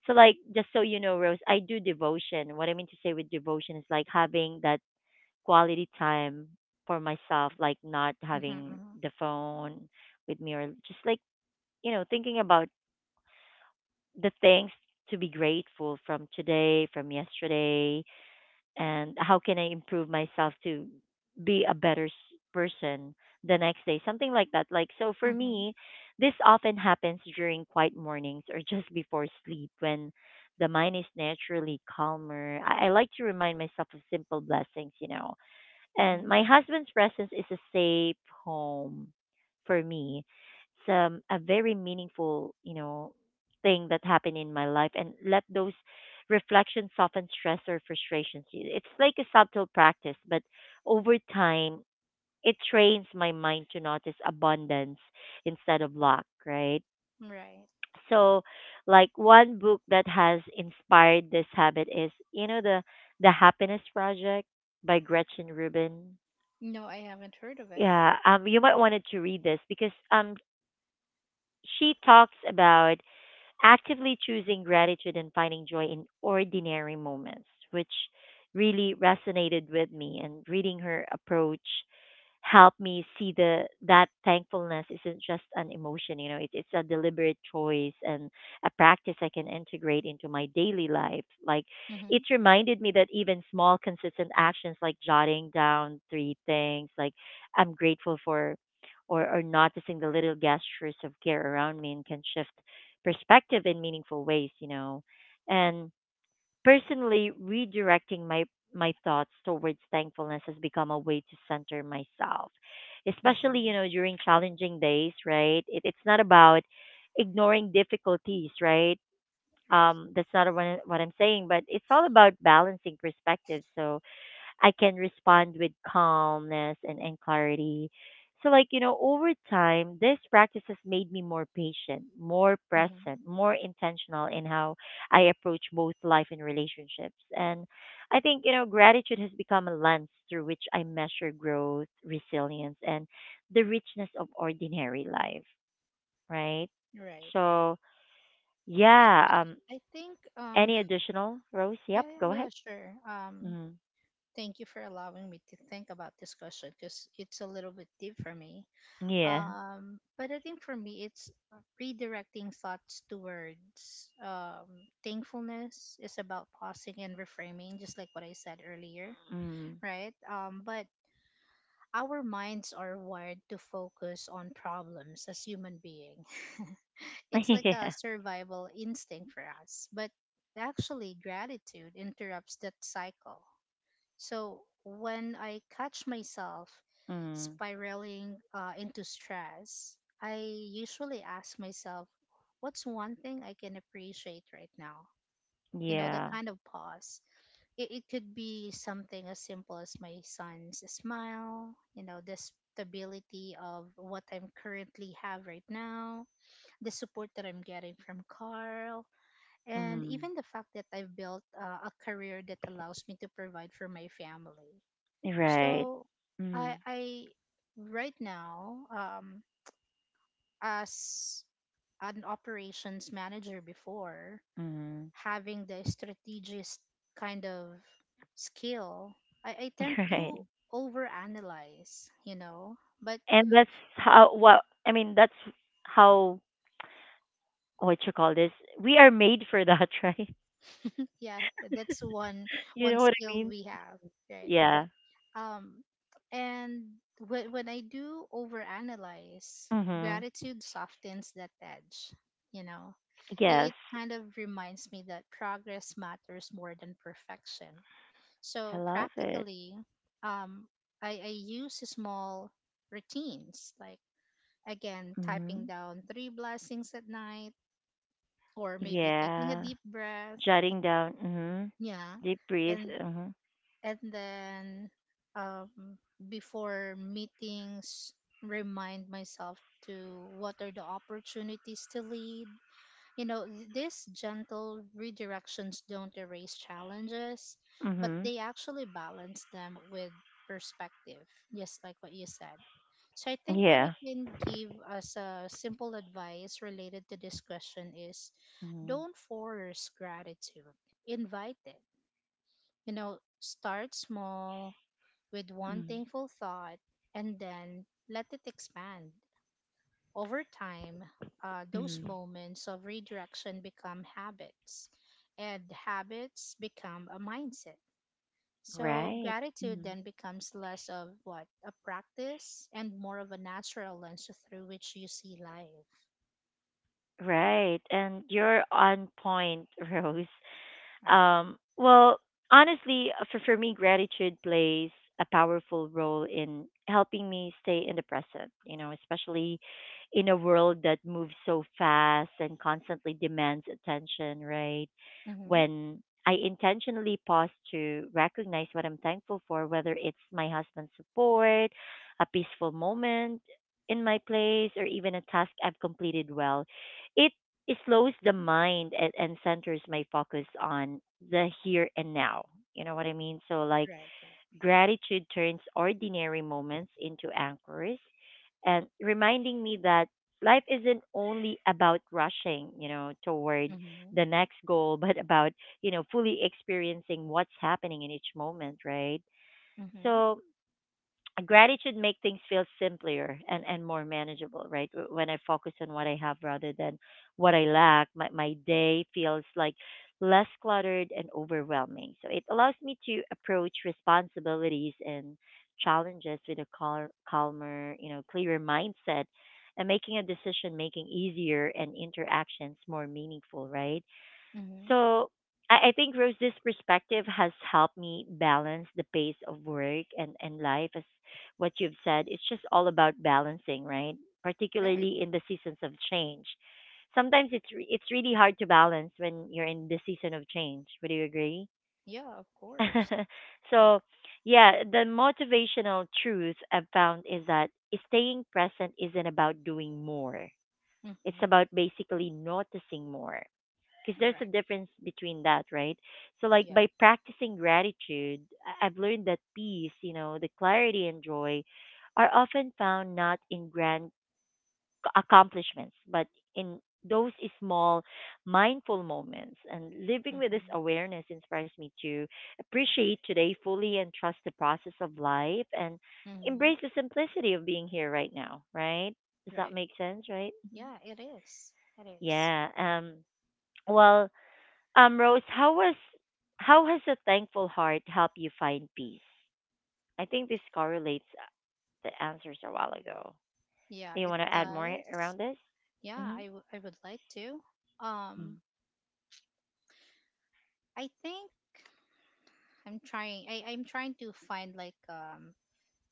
So, like, just so you know, Rose, I do devotion. What I mean to say with devotion is like having that quality time for myself, like not
Mhm.
having the phone with me or just like, you know, thinking about the things to be grateful from today, from yesterday, and how can I improve myself to be a person the next day, something like that. Like, so
Mhm.
for
Mhm.
me, this often happens during quiet mornings or just before sleep when the mind is naturally calmer. I like to remind myself of simple blessings, you know, and
Mhm.
my husband's presence is a safe home for me. It's a very meaningful, you know, thing that happened in my life and let those reflections soften stress or frustrations. It's like a subtle practice, but over time, it trains my mind to notice abundance instead of lack, right?
Right.
So, like one book that has inspired this habit is, you know, the Happiness Project by Gretchen Rubin.
No, I haven't heard of it.
Yeah, you might wanted to read this because she talks about actively choosing gratitude and finding joy in ordinary moments, which really resonated with me. And reading her approach helped me see the that thankfulness isn't just an emotion, you know, it's a deliberate choice and a practice I can integrate into my daily life. Like it
Mhm.
reminded me that even small consistent actions like jotting down three things like I'm grateful for or noticing the little gestures of care around me and can shift perspective in meaningful ways. And personally, redirecting my thoughts towards thankfulness has become a way to center myself, especially
Mhm.
during challenging days. Right? It's not about ignoring difficulties. Right?
Right.
That's not what what I'm saying, but it's all about balancing perspectives. So I can respond with calmness and clarity. So, like, over time, this practice has made me more patient, more
Mhm.
present, more intentional in how I approach both life and relationships. And I think, gratitude has become a lens through which I measure growth, resilience, and the richness of ordinary life, right?
Right. Right.
So, yeah, um,
I think.
any additional, Rose?
Yeah.
Yep,
Yeah.
go ahead.
Yeah. Sure.
Mm.
Thank you for allowing me to think about this question because it's a little bit deep for me.
Yeah.
But I think for me, it's redirecting thoughts to words. Thankfulness is about pausing and reframing, just like what I said earlier,
Mm.
right? But our minds are wired to focus on problems as human being. It's like a
Yeah.
survival instinct for us. But actually, gratitude interrupts that cycle. So when I catch myself
Mm.
spiraling into stress, I usually ask myself, what's one thing I can appreciate right now? You know, the
Yeah.
kind of pause. It could be something as simple as my son's smile, you know, the stability of what I'm currently have right now, the support that I'm getting from Carl, and
Mm.
even the fact that I've built a career that allows me to provide for my family,
Right.
so
Mm.
I right now as an operations manager before
Mm.
having the strategist kind of skill, I tend
Right.
to overanalyze, you know. But
And that's how what I mean that's how what you call this? We are made for that, right?
yeah, that's one
You
one
know what I
skill
mean?
we have, right?
Yeah.
Um, and when I do overanalyze,
Mhm.
gratitude softens that edge, you know. It,
Yes.
it kind of reminds me that progress matters more than perfection.
I
So
love it.
practically, um, I use small routines like, again, typing
Mhm.
down three blessings at night or maybe taking a
Yeah.
deep breath.
Jotting down. Mhm.
Yeah.
Deep breathe.
And
Mhm.
and then um, before meetings remind myself to what are the opportunities to lead, you know. These gentle redirections don't erase challenges but
Mhm.
they actually balance them with perspective, just like what you said. So I think what I
Yeah.
can give as a simple advice related to this question is,
Mhm.
don't force gratitude, invite it. You know, start small with one
Mhm.
thankful thought and then let it expand. Over time, those
Mhm.
moments of redirection become habits, and habits become a mindset. So,
Right.
gratitude
Mm-hmm.
then becomes less of what a practice and more of a natural lens through which you see life.
Right. And you're on point, Rose.
Right.
Um, well, Honestly, for me, gratitude plays a powerful role in helping me stay in the present, especially in a world that moves so fast and constantly demands attention, right?
Mm-hmm.
When I intentionally pause to recognize what I'm thankful for, whether it's my husband's support, a peaceful moment in my place, or even a task I've completed well, it it slows the mind and centers my focus on the here and now. You know what I mean? So, like,
Right, right.
gratitude turns ordinary moments into anchors and reminding me that life isn't only about rushing, toward
Mm-hmm.
the next goal, but about, you know, fully experiencing what's happening in each moment, right?
Mm-hmm.
So, gratitude make things feel simpler and more manageable, right? When I focus on what I have rather than what I lack, my day feels like less cluttered and overwhelming, so it allows me to approach responsibilities and challenges with a calmer, you know, clearer mindset, and making a decision making easier and interactions more meaningful, right?
Mm-hmm.
So I think Rose's perspective has helped me balance the pace of work and life as what you've said. It's just all about balancing, right?
Right.
Particularly in the seasons of change. Sometimes it's really hard to balance when you're in the season of change. Would you agree?
Yeah, of course.
so, yeah, the motivational truth I've found is that staying present isn't about doing more. It's
Mm-hmm.
about basically noticing more because there's a
Correct.
difference between that, right? So, like
Yeah.
by practicing gratitude, I've learned that peace, you know, the clarity and joy are often found not in grand accomplishments, but in those small mindful moments. And living with this
Mm-hmm.
awareness inspires me to appreciate today fully and trust the process of life and
Mm-hmm.
embrace the simplicity of being here right now, right? Does that
Right.
make sense, right?
Yeah, it is. It is.
Yeah. Well, Rose, how was how has a thankful heart helped you find peace? I think this correlates the answers a while ago.
Yeah,
Do you
it
want to add more
does.
around this?
Yeah,
Hmm.
I, I would like to. Um, I think I'm trying. I'm trying to find like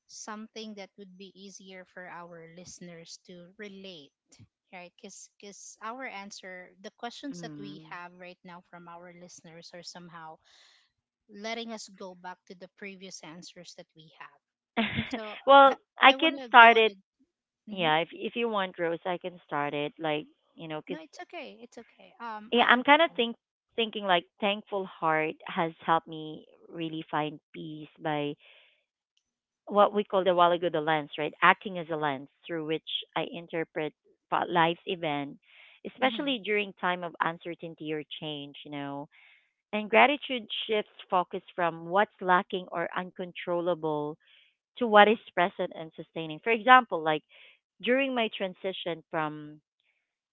something that would be easier for our listeners to relate, right? Because our answer, the questions that we
Mm.
have right now from our listeners are somehow letting us go back to the previous answers that we have.
Mm.
So
Well,
I
I
I
can
want to
start
go on
it.
a. Mhm.
Yeah, if you want, Rose, I can start it. Like you know, cause
No, it's okay. It's okay.
yeah,
I,
I'm
I'm
kind of
fine.
thinking like thankful heart has helped me really find peace by what we called a while ago the lens, right? Acting as a lens through which I interpret life's event,
Mm-hmm.
especially during time of uncertainty or change, you know. And gratitude shifts focus from what's lacking or uncontrollable to what is present and sustaining. For example, like during my transition from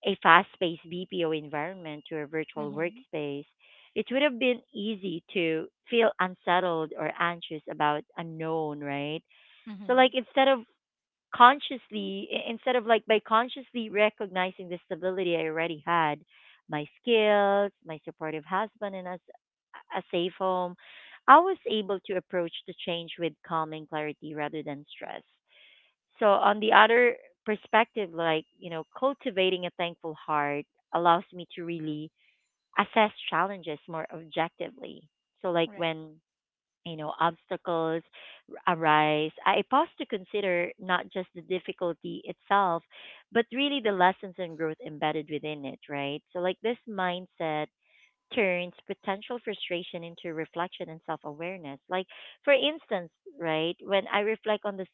a fast-paced BPO environment to a virtual
Mm-hmm.
workspace, it would have been easy to feel unsettled or anxious about unknown, right? So
Mm-hmm.
like instead of instead of like by consciously recognizing the stability I already had, my skills, my supportive husband and as a safe home, I was able to approach the change with calm and clarity rather than stress. So on the other perspective, like, you know, cultivating a thankful heart allows me to really assess challenges more objectively. So like
Right.
when you know, obstacles arise, I pause to consider not just the difficulty itself, but really the lessons and growth embedded within it, right? So, like this mindset turns potential frustration into reflection and self-awareness like for instance right when I reflect on this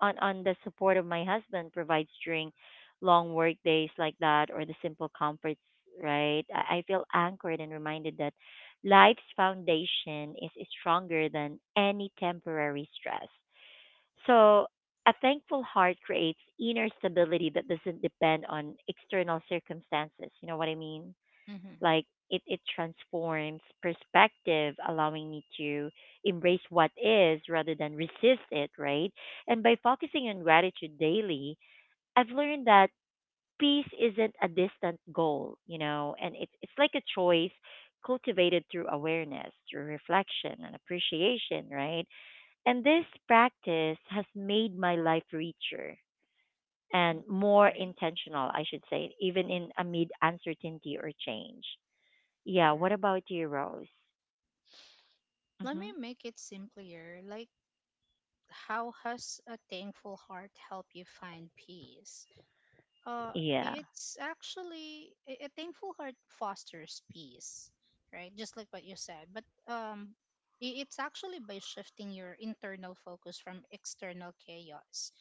on the support of my husband provides during long work days like that or the simple comforts, right, I feel anchored and reminded that life's foundation is stronger than any temporary stress. So a thankful heart creates inner stability that doesn't depend on external circumstances, you know what I mean,
Mm-hmm.
like it transforms perspective, allowing me to embrace what is rather than resist it, right? And by focusing on gratitude daily, I've learned that peace isn't a distant goal, you know, and it's like a choice cultivated through awareness, through reflection and appreciation, right? And this practice has made my life richer and more
Right.
intentional, I should say, even in amid uncertainty or change. Yeah. What
Correct.
about you, Rose?
Let
Mm-hmm.
me make it simpler. Like, how has a thankful heart help you find peace? Uh,
Yeah.
it's actually a thankful heart fosters peace, right? Just like what you said. But it's actually by shifting your internal focus from external chaos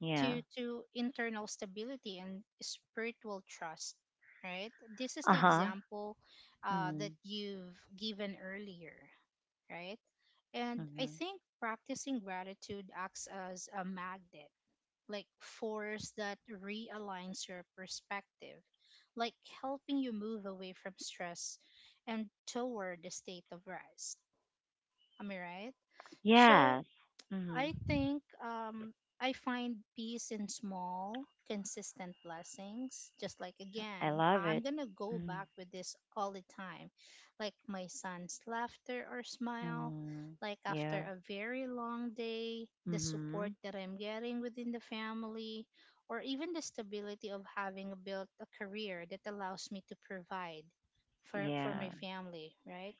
Yeah.
to internal stability and spiritual trust, right? This is
Uh
the
huh.
example that
Mm.
you've given earlier, right? And I
Mm-hmm.
think practicing gratitude acts as a magnet, like force that realigns your perspective, like helping you move away from stress and toward a state of rest. Am I right? So
Yes. Mm.
I
Hmm.
think I find peace in small, consistent blessings. Just like
I
again,
love
I'm
it.
gonna go
Mm.
back with this all the time. Like my son's laughter or smile,
Mm.
like after
Yeah.
a very long day, the support
Mm-hmm.
that I'm getting within the family, or even the stability of having built a career that allows me to provide for my
Yeah.
family, right?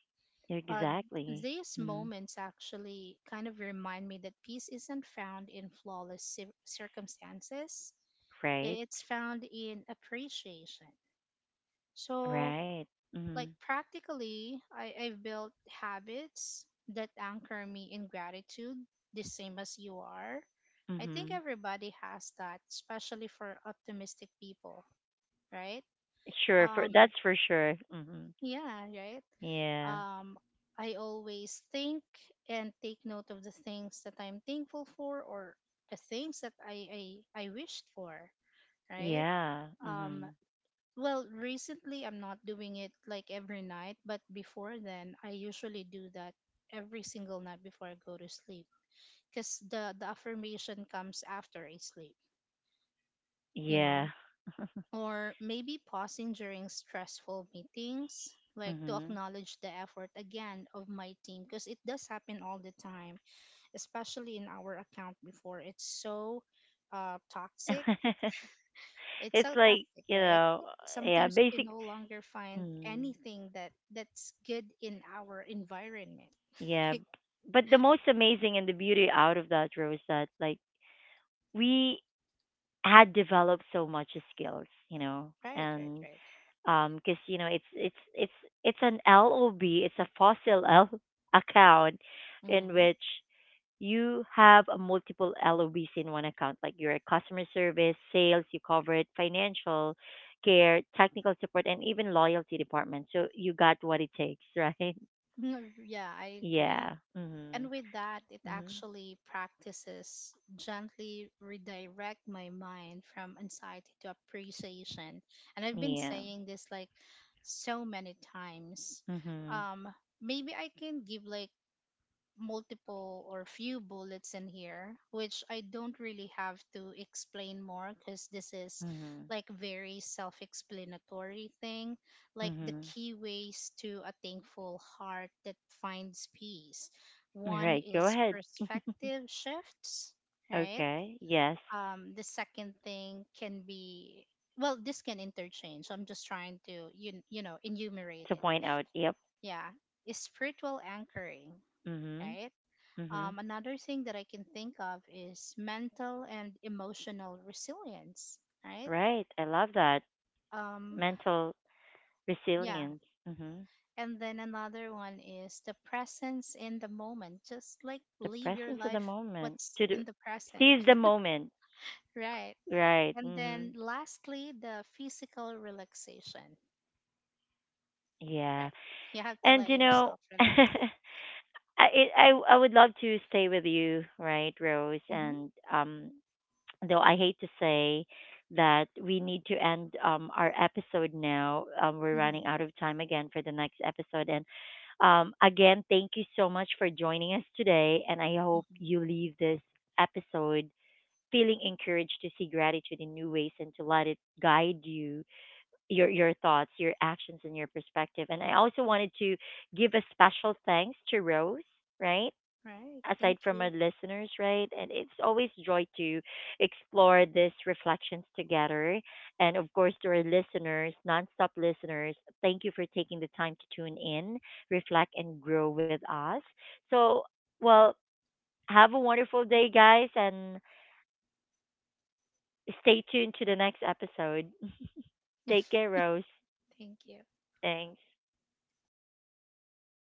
Uh,
Exactly.
these
Mm.
moments actually kind of remind me that peace isn't found in flawless circumstances,
Right.
it's found in appreciation. So,
Right.
like,
Mm.
practically, I've built habits that anchor me in gratitude, the same as you are. I think
Mm-hmm.
everybody has that, especially for optimistic people, right?
Sure. For
Um,
that's for sure. Mm-hmm.
yeah, right.
Yeah.
um, I always think and take note of the things that I'm thankful for or the things that I wished for, right?
Yeah.
Um,
Mm-hmm.
well, recently I'm not doing it like every night, but before then, I usually do that every single night before I go to sleep because the affirmation comes after I sleep, you know?
Yeah.
Or maybe pausing during stressful meetings like to
Mm-hmm.
acknowledge the effort again of my team because it does happen all the time, especially in our account before. It's so toxic. It's
it's
so
like
toxic,
you
right?
know. Yeah.
Sometimes we can
Basic.
no longer find
Mm.
anything that's good in our environment.
Yeah. But the most amazing and the beauty out of that, Rose, that like we had developed so much skills, you know,
Right, right,
and
right.
cause you know it's an LOB, it's a fossil L account in
Mm-hmm.
which you have a multiple LOBs in one account, like your customer service, sales, you covered financial care, technical support, and even loyalty department. So you got what it takes, right?
Yeah, I agree.
Yeah. Mm-hmm.
And with that, it
Mm-hmm.
actually practices gently redirect my mind from anxiety to appreciation. And I've been
Yeah.
saying this like so many times.
Mhm.
Um, maybe I can give like multiple or few bullets in here, which I don't really have to explain more because this is
Mhm.
like very self explanatory thing, like the
Mhm.
key ways to a thankful heart that finds peace. One
Right. Go
is
ahead.
perspective shifts, right?
Okay. Yes.
The second thing can be, well, this can interchange. I'm just trying to enumerate
To
it.
point out. Yep.
Yeah, is spiritual anchoring,
Mhm.
right?
Mhm.
Another thing that I can think of is mental and emotional resilience, right?
Right. I love that
Um,
mental
yeah.
resilience. Mhm.
And then another one is the presence in the moment. Just like
The
live your
presence of the
life,
moment.
what's
To do,
in the present,
seize the moment.
right?
Right.
And then
Mhm.
lastly, the physical relaxation,
Yeah.
right? You have to
And
let
you know,
yourself
I,
relax.
it, I would love to stay with you, right, Rose,
Mm-hmm,
and though I hate to say that we need to end our episode now. We're
mm-hmm,
running out of time again for the next episode. And again, thank you so much for joining us today. And I hope
mm-hmm.
you leave this episode feeling encouraged to see gratitude in new ways and to let it guide you, your thoughts, your actions, and your perspective. And I also wanted to give a special thanks to Rose, right?
Right.
Aside
Thank
from our
you.
listeners, right? And it's always joy to explore these reflections together. And of course, to our listeners, nonstop listeners, thank you for taking the time to tune in, reflect, and grow with us. So, well, have a wonderful day, guys, and stay tuned to the next episode. Take care, Rose.
Thank you.
Thanks.